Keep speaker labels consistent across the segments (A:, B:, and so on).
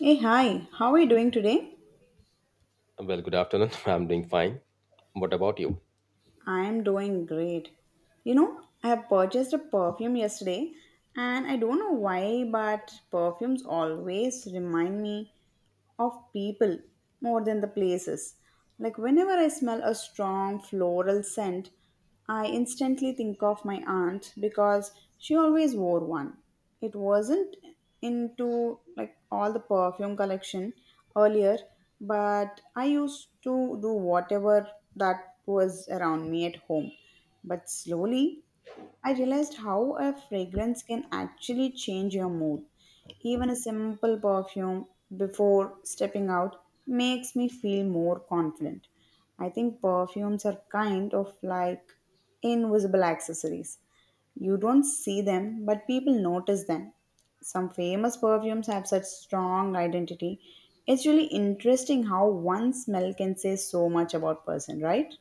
A: Hey, hi, how are you doing today?
B: Well, good afternoon. I'm doing fine. What about you?
A: I am doing great. You know, I have purchased a perfume yesterday and I don't know why, but perfumes always remind me of people more than the places. Like whenever I smell a strong floral scent, I instantly think of my aunt because she always wore one. It wasn't into like all the perfume collection earlier, but I used to do whatever that was around me at home. But slowly, I realized how a fragrance can actually change your mood. Even a simple perfume before stepping out makes me feel more confident. I think perfumes are kind of like invisible accessories. You don't see them, but people notice them. Some famous perfumes have such strong identity. It's really interesting how one smell can say so much about person, right?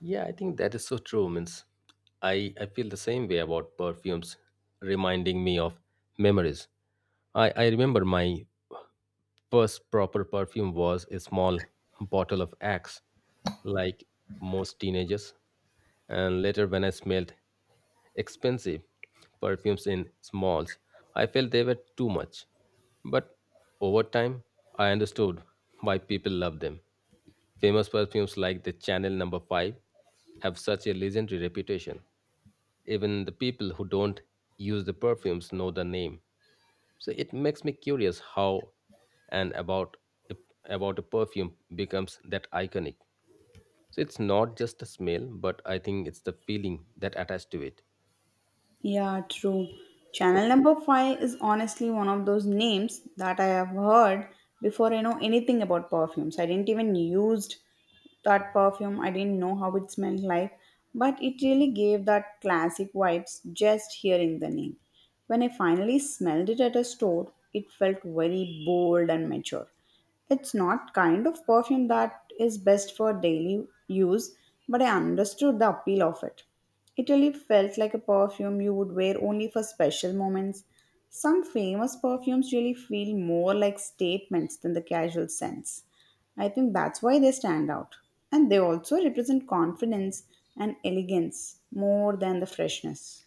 B: Yeah, I think that is so true. Means I feel the same way about perfumes reminding me of memories. I remember my first proper perfume was a small bottle of Axe, like most teenagers. And later, when I smelled expensive perfumes in smalls. I felt they were too much. But over time, I understood why people love them. Famous perfumes like the Chanel number 5 have such a legendary reputation. Even the people who don't use the perfumes know the name. So it makes me curious how and about about a perfume becomes that iconic. So it's not just the smell, but I think it's the feeling that attached to it.
A: Yeah, true. Channel No. 5 is honestly one of those names that I have heard before I know anything about perfumes. I didn't even used that perfume. I didn't know how it smelled like, but it really gave that classic vibes just hearing the name. When I finally smelled it at a store, it felt very bold and mature. It's not kind of perfume that is best for daily use, but I understood the appeal of it. Italy felt like a perfume you would wear only for special moments. Some famous perfumes really feel more like statements than the casual sense. I think that's why they stand out. And they also represent confidence and elegance more than the freshness.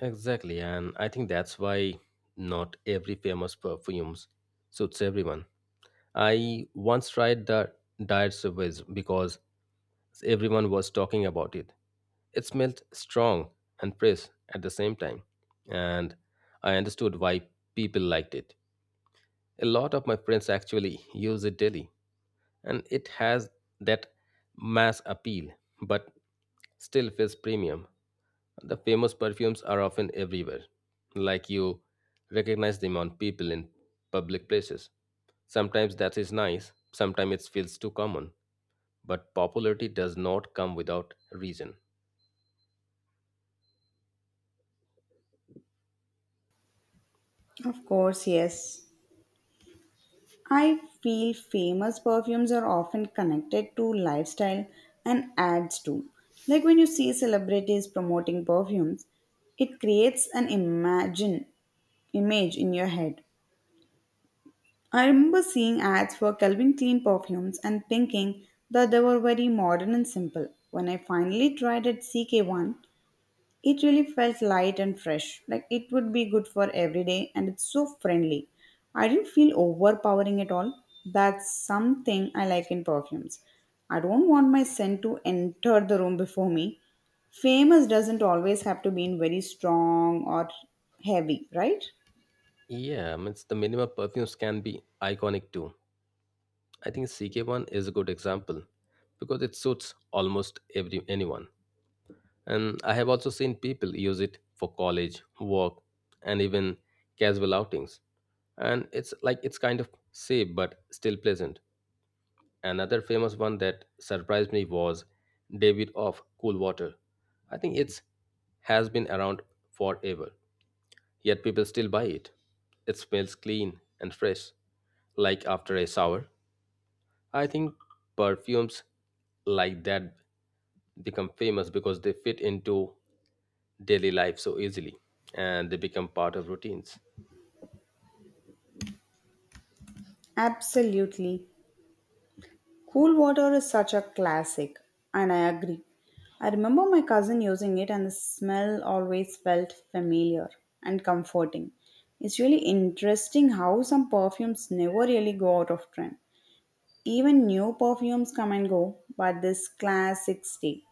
B: Exactly, and I think that's why not every famous perfumes suits everyone. I once tried the Diet Sauvage because everyone was talking about it. It smelled strong and fresh at the same time, and I understood why people liked it. A lot of my friends actually use it daily and it has that mass appeal, but still feels premium. The famous perfumes are often everywhere, like you recognize them on people in public places. Sometimes that is nice, sometimes it feels too common, but popularity does not come without reason.
A: Of course, yes. I feel famous perfumes are often connected to lifestyle and ads too. Like when you see celebrities promoting perfumes, it creates an imagine image in your head. I remember seeing ads for Calvin Klein perfumes and thinking that they were very modern and simple. When I finally tried at CK1, it really felt light and fresh, like it would be good for every day, and it's so friendly. I didn't feel overpowering at all. That's something I like in perfumes. I don't want my scent to enter the room before me. Famous doesn't always have to be in very strong or heavy, right?
B: Yeah, I mean, it's the minimal perfumes can be iconic too. I think CK1 is a good example because it suits almost every anyone. And I have also seen people use it for college, work, and even casual outings. And it's like it's kind of safe but still pleasant. Another famous one that surprised me was David of Cool Water. I think it's has been around forever, yet people still buy it. It smells clean and fresh, like after a shower. I think perfumes like that become famous because they fit into daily life so easily and they become part of routines.
A: Absolutely. Cool water is such a classic, and I agree. I remember my cousin using it, and the smell always felt familiar and comforting. It's really interesting how some perfumes never really go out of trend. Even new perfumes come and go, but this classics stay.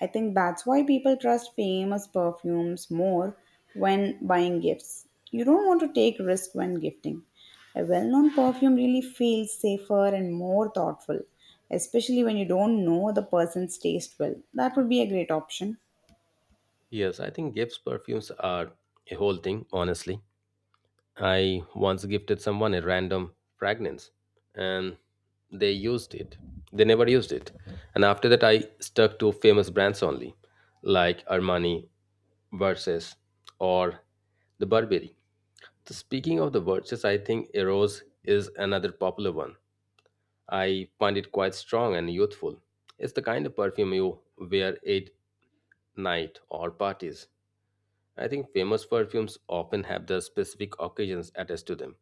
A: I think that's why people trust famous perfumes more when buying gifts. You don't want to take risk when gifting. A well-known perfume really feels safer and more thoughtful, especially when you don't know the person's taste well. That would be a great option.
B: Yes, I think gifts, perfumes are a whole thing, honestly. I once gifted someone a random fragrance and they used it. They never used it. And after that, I stuck to famous brands only, like Armani, Versace, or the Burberry. So speaking of the Versace, I think Eros is another popular one. I find it quite strong and youthful. It's the kind of perfume you wear it night, or parties. I think famous perfumes often have the specific occasions attached to them,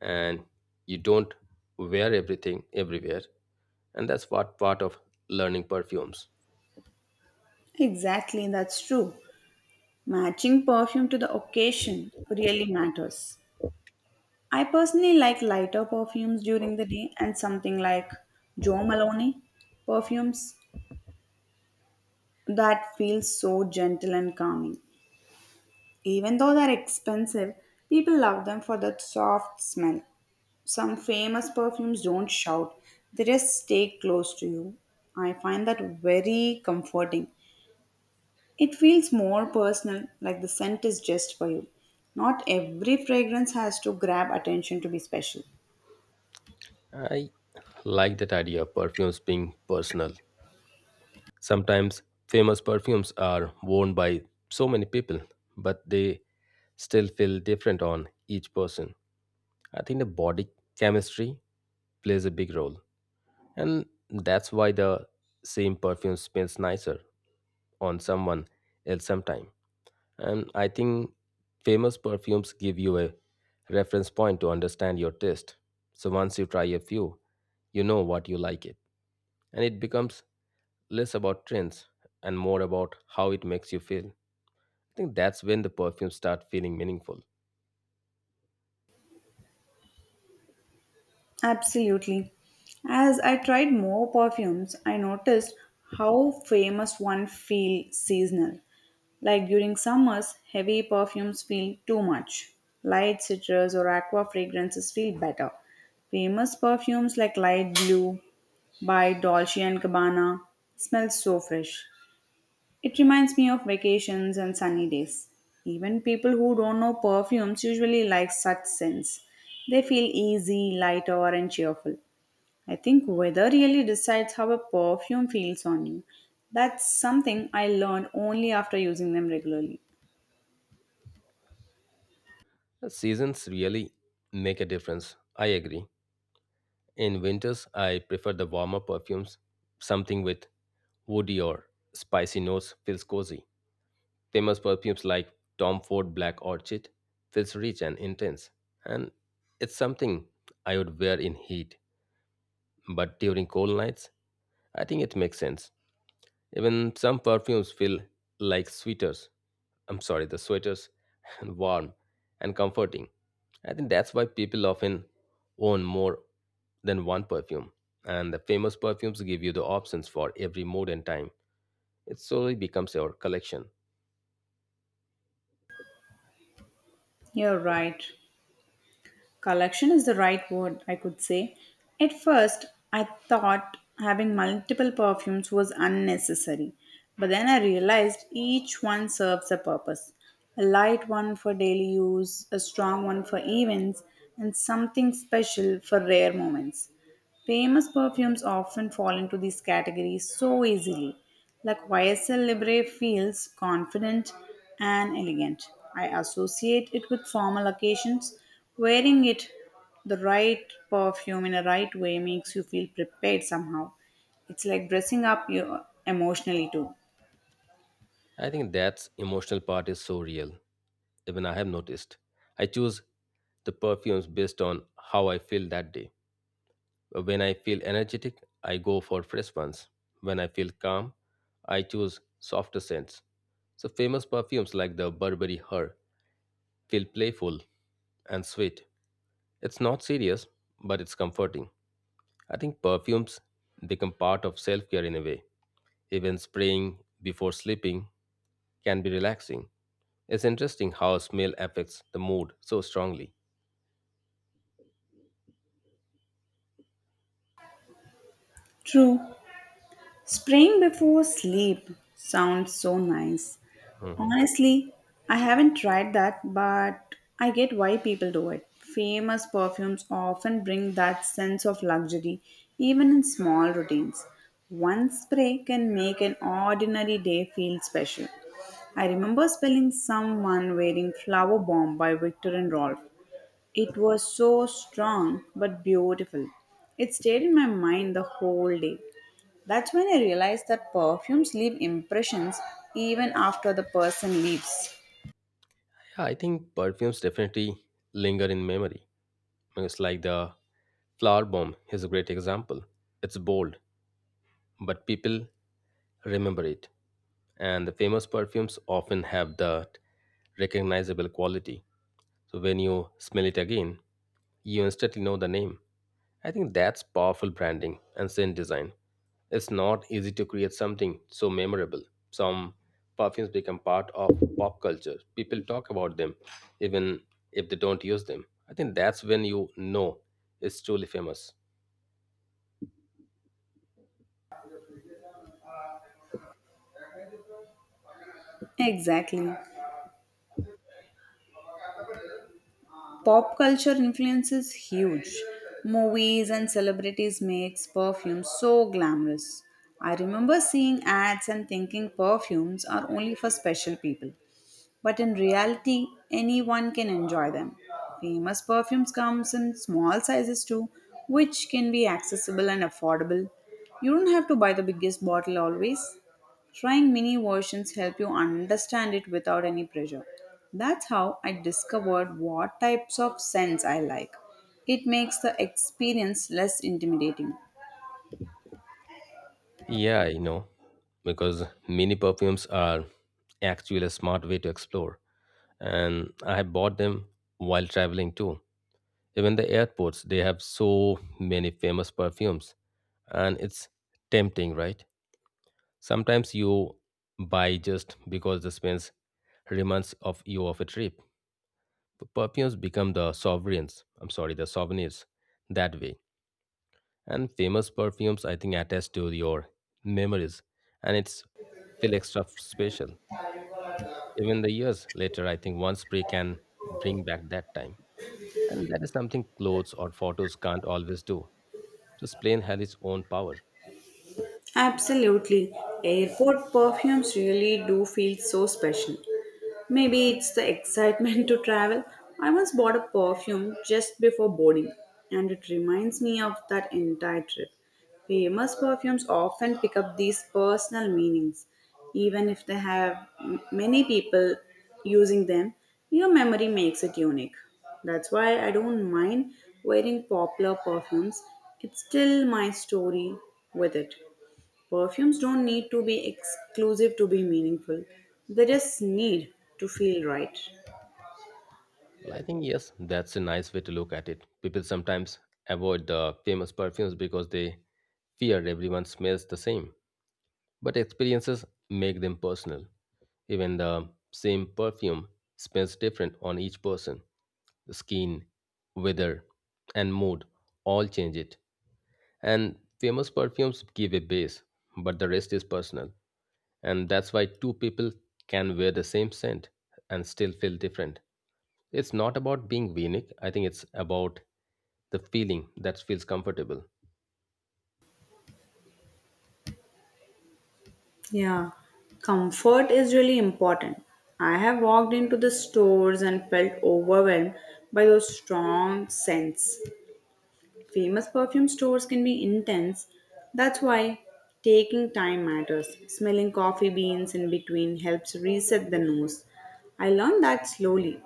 B: and you don't wear everything everywhere, and that's what part of learning perfumes.
A: Exactly, that's true. Matching perfume to the occasion really matters. I personally like lighter perfumes during the day and something like Jo Malone perfumes that feel so gentle and calming. Even though they're expensive, people love them for that soft smell. Some famous perfumes don't shout, they just stay close to you. I find that very comforting. It feels more personal, like the scent is just for you. Not every fragrance has to grab attention to be special.
B: I like that idea of perfumes being personal. Sometimes famous perfumes are worn by so many people, but they still feel different on each person. I think the body chemistry plays a big role, and that's why the same perfume smells nicer on someone else sometime. And I think famous perfumes give you a reference point to understand your taste. So once you try a few, you know what you like it. And it becomes less about trends and more about how it makes you feel. I think that's when the perfumes start feeling meaningful.
A: Absolutely. As I tried more perfumes, I noticed how famous one feel seasonal. Like during summers, heavy perfumes feel too much. Light citrus or aqua fragrances feel better. Famous perfumes like Light Blue by Dolce & and Gabbana smell so fresh. It reminds me of vacations and sunny days. Even people who don't know perfumes usually like such scents. They feel easy, lighter, and cheerful. I think weather really decides how a perfume feels on you. That's something I learned only after using them regularly.
B: The seasons really make a difference. I agree. In winters, I prefer the warmer perfumes. Something with woody or spicy notes feels cozy. Famous perfumes like Tom Ford Black Orchid feels rich and intense, and it's something I would wear in heat, but during cold nights, I think it makes sense. Even some perfumes feel like sweaters. I'm sorry, the sweaters and warm and comforting. I think that's why people often own more than one perfume. And the famous perfumes give you the options for every mood and time. It slowly becomes your collection.
A: You're right. Collection is the right word, I could say. At first, I thought having multiple perfumes was unnecessary, but then I realized each one serves a purpose. A light one for daily use, a strong one for events, and something special for rare moments. Famous perfumes often fall into these categories so easily. Like YSL Libre feels confident and elegant. I associate it with formal occasions. Wearing it, the right perfume in a right way makes you feel prepared somehow. It's like dressing up you emotionally too.
B: I think that's emotional part is so real. Even I have noticed. I choose the perfumes based on how I feel that day. When I feel energetic, I go for fresh ones. When I feel calm, I choose softer scents. So famous perfumes like the Burberry Her feel playful and sweet. It's not serious, but it's comforting. I think perfumes become part of self-care in a way. Even spraying before sleeping can be relaxing. It's interesting how smell affects the mood so strongly.
A: True, Spring before sleep sounds so nice.
B: Mhm.
A: Honestly, I haven't tried that, but I get why people do it. Famous perfumes often bring that sense of luxury, even in small routines. One spray can make an ordinary day feel special. I remember spelling someone wearing Flower Bomb by Victor and Rolf. It was so strong but beautiful. It stayed in my mind the whole day. That's when I realized that perfumes leave impressions even after the person leaves.
B: Yeah, I think perfumes definitely linger in memory. It's like the flower bomb is a great example. It's bold, but people remember it. And the famous perfumes often have that recognizable quality. So when you smell it again, you instantly know the name. I think that's powerful branding and scent design. It's not easy to create something so memorable. Some perfumes become part of pop culture. People talk about them even if they don't use them. I think that's when you know it's truly famous.
A: Exactly. Pop culture influence is huge. Movies and celebrities makes perfumes so glamorous. I remember seeing ads and thinking perfumes are only for special people, but in reality, anyone can enjoy them. Famous perfumes comes in small sizes too, which can be accessible and affordable. You don't have to buy the biggest bottle always. Trying mini versions help you understand it without any pressure. That's how I discovered what types of scents I like. It makes the experience less intimidating.
B: Yeah, I know. Because mini perfumes are actually a smart way to explore. And I have bought them while traveling too. Even the airports, they have so many famous perfumes. And it's tempting, right? Sometimes you buy just because the spence reminds of you of a trip. Perfumes become the sovereigns. I'm sorry, the souvenirs that way. And famous perfumes, I think, attach to your memories, and it's feel extra special. Even the years later, I think one spray can bring back that time, and that is something clothes or photos can't always do. Just plain had its own power.
A: Absolutely. Airport perfumes really do feel so special. Maybe it's the excitement to travel. I once bought a perfume just before boarding, and it reminds me of that entire trip. Famous perfumes often pick up these personal meanings, even if they have many people using them. Your memory makes it unique. That's why I don't mind wearing popular perfumes. It's still my story with it. Perfumes don't need to be exclusive to be meaningful, they just need to feel right.
B: Well, I think yes, that's a nice way to look at it. People sometimes avoid the famous perfumes because they fear everyone smells the same. But experiences make them personal. Even the same perfume smells different on each person. The skin, weather, and mood all change it. And famous perfumes give a base, but the rest is personal. And that's why two people can wear the same scent and still feel different. It's not about being unique. I think it's about the feeling that feels comfortable.
A: Yeah, comfort is really important. I have walked into the stores and felt overwhelmed by those strong scents. Famous perfume stores can be intense. That's why taking time matters. Smelling coffee beans in between helps reset the nose. I learned that slowly.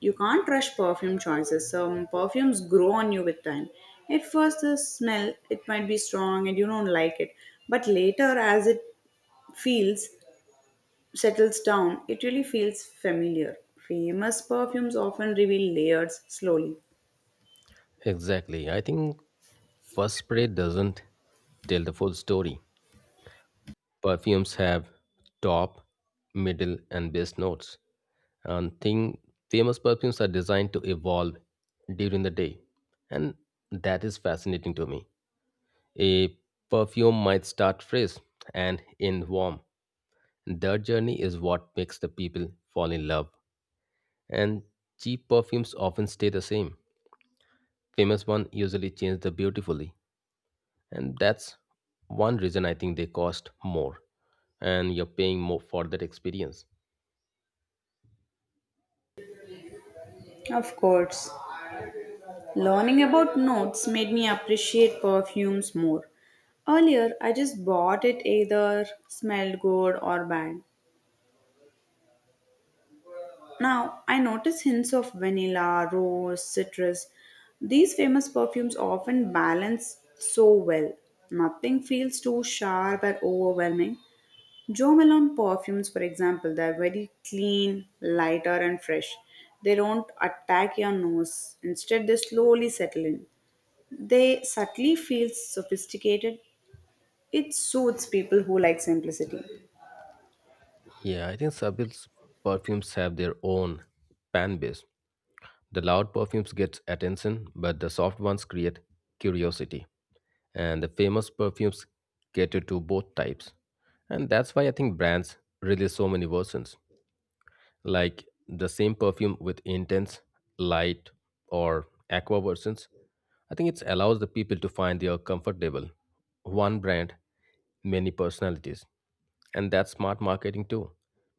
A: You can't rush perfume choices. Some perfumes grow on you with time. At first, the smell it might be strong and you don't like it, but later, as it feels settles down, it really feels familiar. Famous perfumes often reveal layers slowly.
B: Exactly. I think first spray doesn't tell the full story. Perfumes have top, middle, and base notes. And thing famous perfumes are designed to evolve during the day. And that is fascinating to me. A perfume might start fresh and end warm. That journey is what makes the people fall in love. And cheap perfumes often stay the same. Famous one usually change the beautifully. And that's one reason I think they cost more, and you're paying more for that experience.
A: Of course. Learning about notes made me appreciate perfumes more. Earlier, I just bought it either smelled good or bad. Now, I notice hints of vanilla, rose, citrus. These famous perfumes often balance so well. Nothing feels too sharp or overwhelming. Jo Malone perfumes, for example, they're very clean, lighter, and fresh. They don't attack your nose. Instead, they slowly settle in. They subtly feel sophisticated. It suits people who like simplicity.
B: Yeah, I think sabil's perfumes have their own fan base. The loud perfumes get attention, but the soft ones create curiosity. And the famous perfumes cater to both types, and that's why I think brands release so many versions, like the same perfume with intense, light, or aqua versions. I think it allows the people to find their comfortable. One brand, many personalities. And that's smart marketing too.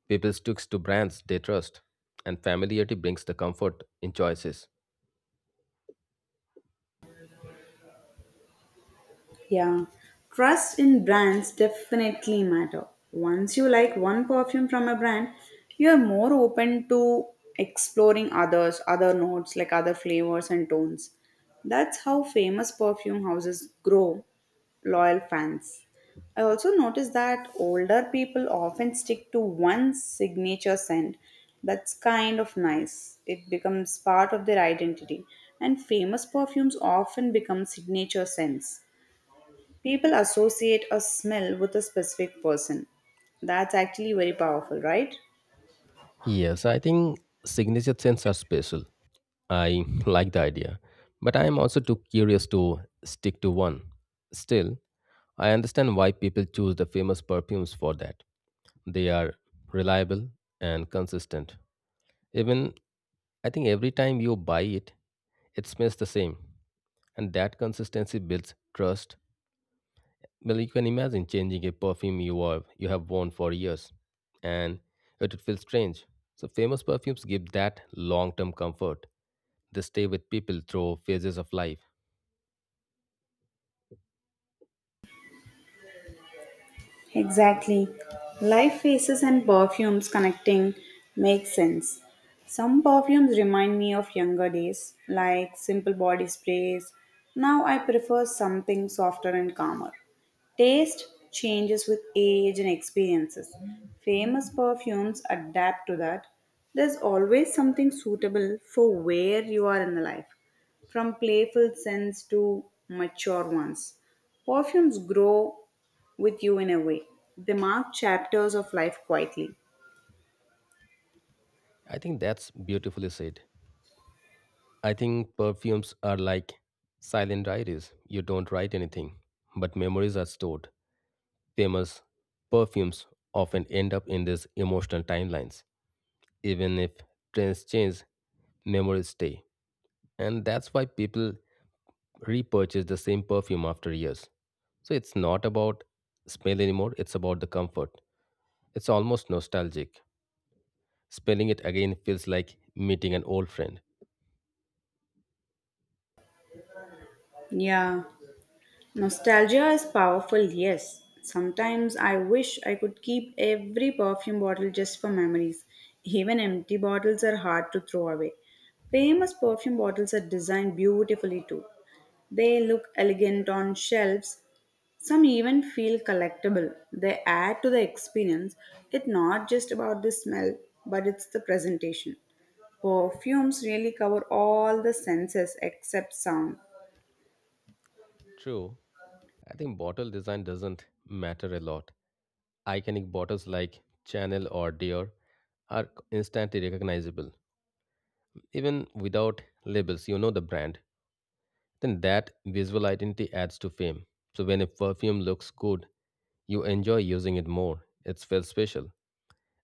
B: People sticks to brands they trust, and familiarity brings the comfort in choices.
A: Yeah, trust in brands definitely matter. Once you like one perfume from a brand, you are more open to exploring others, other notes like other flavors and tones. That's how famous perfume houses grow loyal fans. I also noticed that older people often stick to one signature scent. That's kind of nice. It becomes part of their identity. And famous perfumes often become signature scents. People associate a smell with a specific person. That's actually very powerful, right?
B: Yes, I think signature scents are special. I like the idea, but I am also too curious to stick to one. Still, I understand why people choose the famous perfumes for that. They are reliable and consistent. Even I think every time you buy it, it smells the same. And that consistency builds trust. Well, you can imagine changing a perfume you have worn for years and it would feel strange. So famous perfumes give that long-term comfort. They stay with people through phases of life.
A: Exactly. Live faces and perfumes connecting makes sense. Some perfumes remind me of younger days, like simple body sprays. Now I prefer something softer and calmer. Taste changes with age and experiences. Famous perfumes adapt to that. There's always something suitable for where you are in the life, from playful scents to mature ones. Perfumes grow with you in a way. They mark chapters of life quietly.
B: I think that's beautifully said. I think perfumes are like silent diaries. You don't write anything, but memories are stored. Famous perfumes often end up in these emotional timelines. Even if trends change, memories stay. And that's why people repurchase the same perfume after years. So it's not about smell anymore, it's about the comfort. It's almost nostalgic. Smelling it again feels like meeting an old friend.
A: Yeah, nostalgia is powerful, yes. Sometimes I wish I could keep every perfume bottle just for memories. Even empty bottles are hard to throw away. Famous perfume bottles are designed beautifully too. They look elegant on shelves. Some even feel collectible. They add to the experience. It's not just about the smell, but it's the presentation. Perfumes really cover all the senses except sound.
B: True, I think bottle design doesn't matter a lot. Iconic bottles like Chanel or Dior are instantly recognizable. Even without labels, you know the brand. Then that visual identity adds to fame. So when a perfume looks good, you enjoy using it more. It feels special.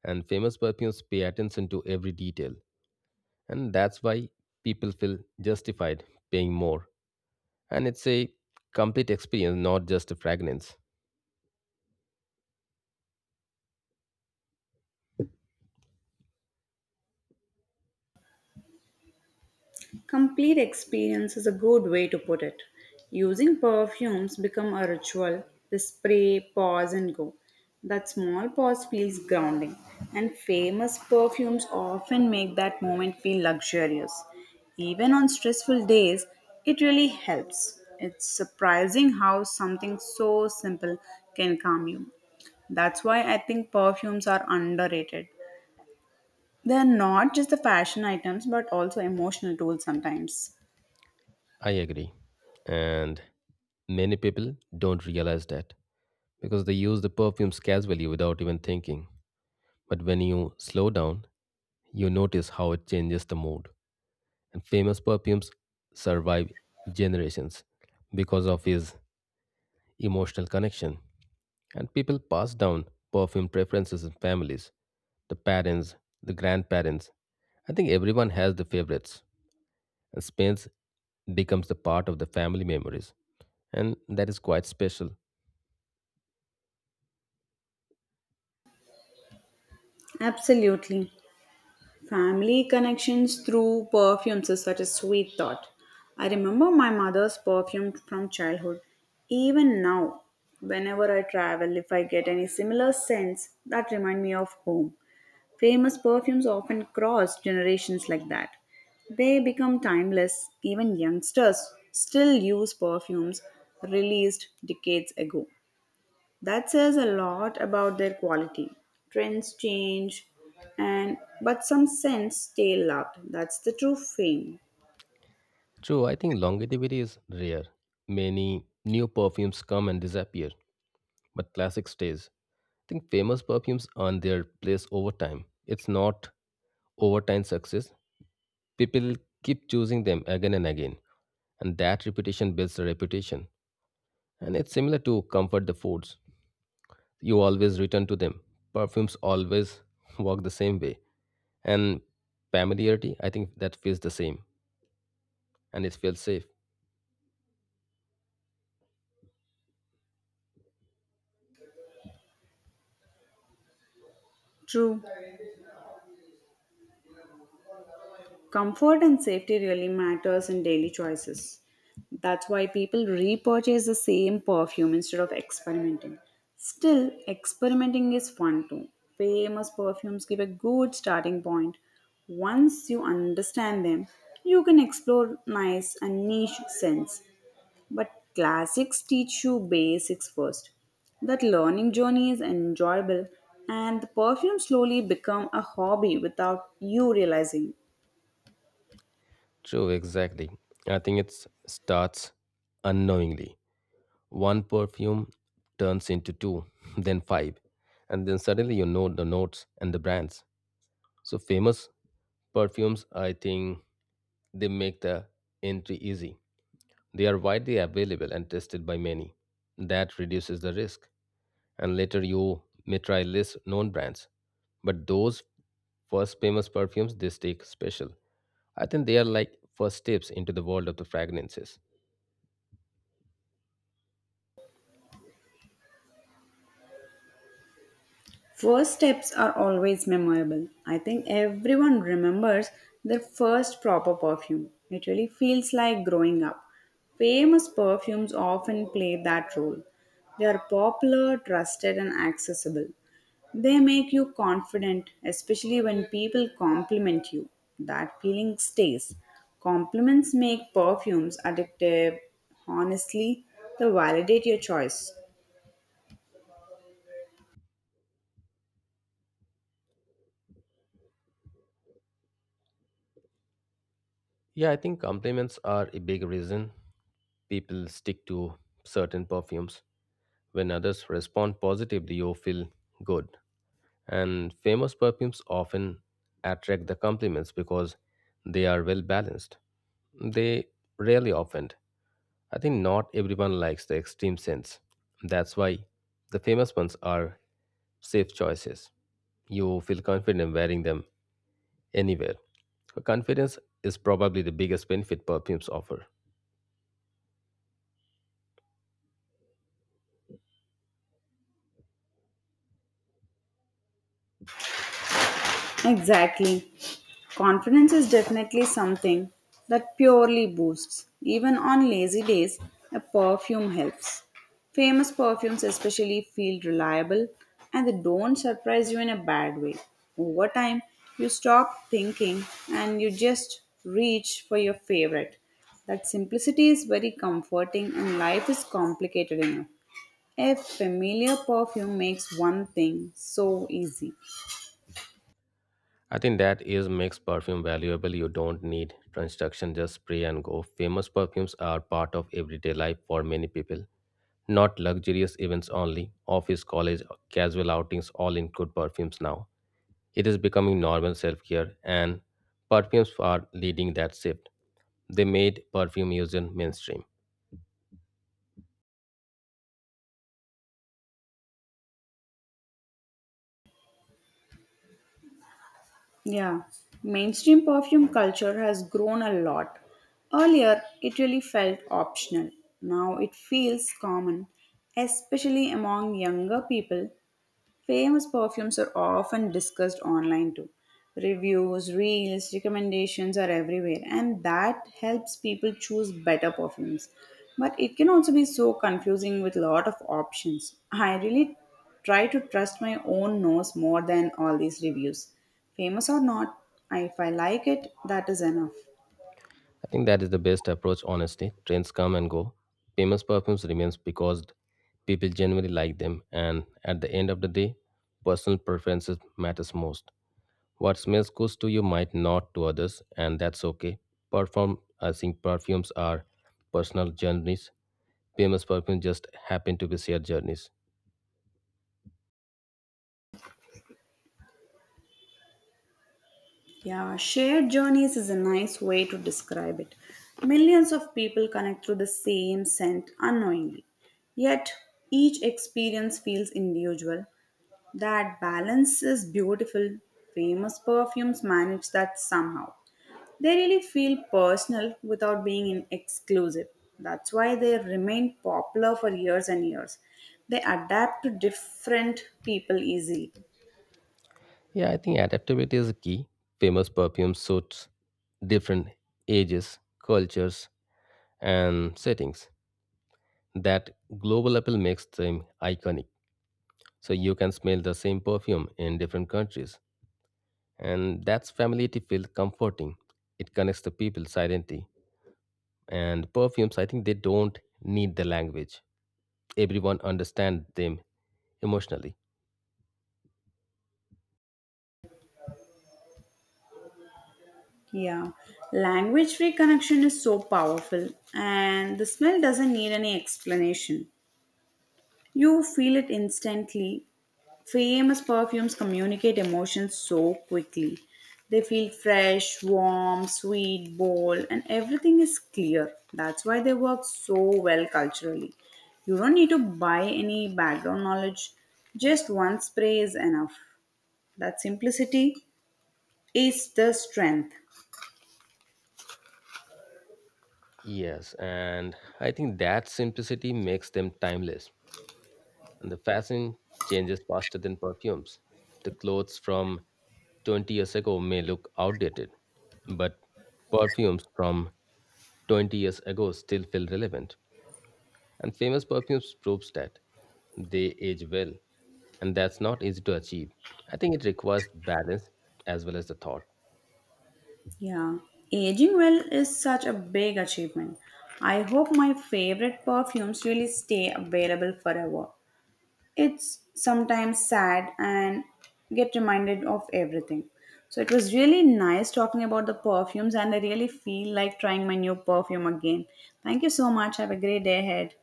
B: And famous perfumes pay attention to every detail. And that's why people feel justified paying more, and it's a complete experience, not just a fragrance.
A: Complete experience is a good way to put it. Using perfumes become a ritual. The spray, pause and go. That small pause feels grounding, and famous perfumes often make that moment feel luxurious. Even on stressful days, it really helps. It's surprising how something so simple can calm you. That's why I think perfumes are underrated. They're not just the fashion items but also emotional tools sometimes.
B: I agree, and many people don't realize that because they use the perfumes casually without even thinking. But when you slow down, you notice how it changes the mood. And famous perfumes survive generations because of his emotional connection, and people pass down perfume preferences in families, the parents, the grandparents. I think everyone has the favorites, and Spain's becomes the part of the family memories, and that is quite special.
A: Absolutely. Family connections through perfumes is such a sweet thought. I remember my mother's perfume from childhood. Even now, whenever I travel, if I get any similar scents that remind me of home. Famous perfumes often cross generations like that. They become timeless. Even youngsters still use perfumes released decades ago. That says a lot about their quality. Trends change, and but some scents stay loved. That's the true fame.
B: True, I think longevity is rare. Many new perfumes come and disappear, but classic stays. I think famous perfumes earn their place over time. It's not overtime success. People keep choosing them again and again, and that repetition builds a reputation. And it's similar to comfort the foods. You always return to them. Perfumes always work the same way. And familiarity, I think that feels the same and it feels safe.
A: True. Comfort and safety really matters in daily choices. That's why people repurchase the same perfume instead of experimenting. Still, experimenting is fun too. Famous perfumes give a good starting point. Once you understand them, you can explore nice and niche scents. But classics teach you basics first. That learning journey is enjoyable and the perfume slowly become a hobby without you realizing.
B: True, exactly. I think it starts unknowingly. One perfume turns into two, then five, and then suddenly you know the notes and the brands. So famous perfumes, I think they make the entry easy. They are widely available and tested by many. That reduces the risk. And later you may try less known brands. But those first famous perfumes, they stay special. I think they are like first steps into the world of the fragrances.
A: First steps are always memorable. I think everyone remembers their first proper perfume. It really feels like growing up. Famous perfumes often play that role. They are popular, trusted, and accessible. They make you confident, especially when people compliment you. That feeling stays. Compliments make perfumes addictive. Honestly, they validate your choice.
B: Yeah, I think compliments are a big reason people stick to certain perfumes. When others respond positively, you feel good. And famous perfumes often attract the compliments because they are well balanced. They rarely offend. I think not everyone likes the extreme scents. That's why the famous ones are safe choices. You feel confident wearing them anywhere. Confidence is probably the biggest benefit perfumes offer.
A: Exactly. Confidence is definitely something that purely boosts. Even on lazy days, a perfume helps. Famous perfumes, especially, feel reliable and they don't surprise you in a bad way. Over time, you stop thinking and you just reach for your favorite. That simplicity is very comforting and life is complicated enough. A familiar perfume makes one thing so easy.
B: I think that is makes perfume valuable. You don't need instruction, just spray and go. Famous perfumes are part of everyday life for many people. Not luxurious events only, office, college, casual outings all include perfumes now. It is becoming normal self care, and perfumes are leading that shift. They made perfume use in mainstream.
A: Yeah, mainstream perfume culture has grown a lot. Earlier, it really felt optional. Now it feels common, especially among younger people. Famous perfumes are often discussed online too. Reviews, reels, recommendations are everywhere, and that helps people choose better perfumes. But it can also be so confusing with lot of options. I really try to trust my own nose more than all these reviews. Famous or not, if I like it, that is enough.
B: I think that is the best approach, honestly. Trends come and go. Famous perfumes remains because people genuinely like them, and at the end of the day, personal preferences matters most. What smells good to you might not to others, and that's okay. Perform, I think perfumes are personal journeys. Famous perfumes just happen to be shared journeys.
A: Yeah, shared journeys is a nice way to describe it. Millions of people connect through the same scent unknowingly. Yet, each experience feels individual. That balance is beautiful. Famous perfumes manage that somehow. They really feel personal without being exclusive. That's why they remain popular for years and years. They adapt to different people easily.
B: Yeah, I think adaptability is a key. Famous perfume suits different ages, cultures, and settings. That global appeal makes them iconic. So you can smell the same perfume in different countries. And that's familiarity feels comforting. It connects the people silently. And perfumes, I think they don't need the language. Everyone understands them emotionally.
A: Yeah, language free connection is so powerful, and the smell doesn't need any explanation. You feel it instantly. Famous perfumes communicate emotions so quickly. They feel fresh, warm, sweet, bold, and everything is clear. That's why they work so well culturally. You don't need to buy any background knowledge, just one spray is enough. That simplicity is the strength.
B: Yes, and I think that simplicity makes them timeless. And the fashion changes faster than perfumes. The clothes from 20 years ago may look outdated, but perfumes from 20 years ago still feel relevant. And famous perfumes proves that they age well, and that's not easy to achieve. I think it requires balance as well as the thought.
A: Yeah, aging well is such a big achievement. I hope my favorite perfumes really stay available forever. It's sometimes sad and get reminded of everything. So it was really nice talking about the perfumes, and I really feel like trying my new perfume again. Thank you so much. Have a great day ahead.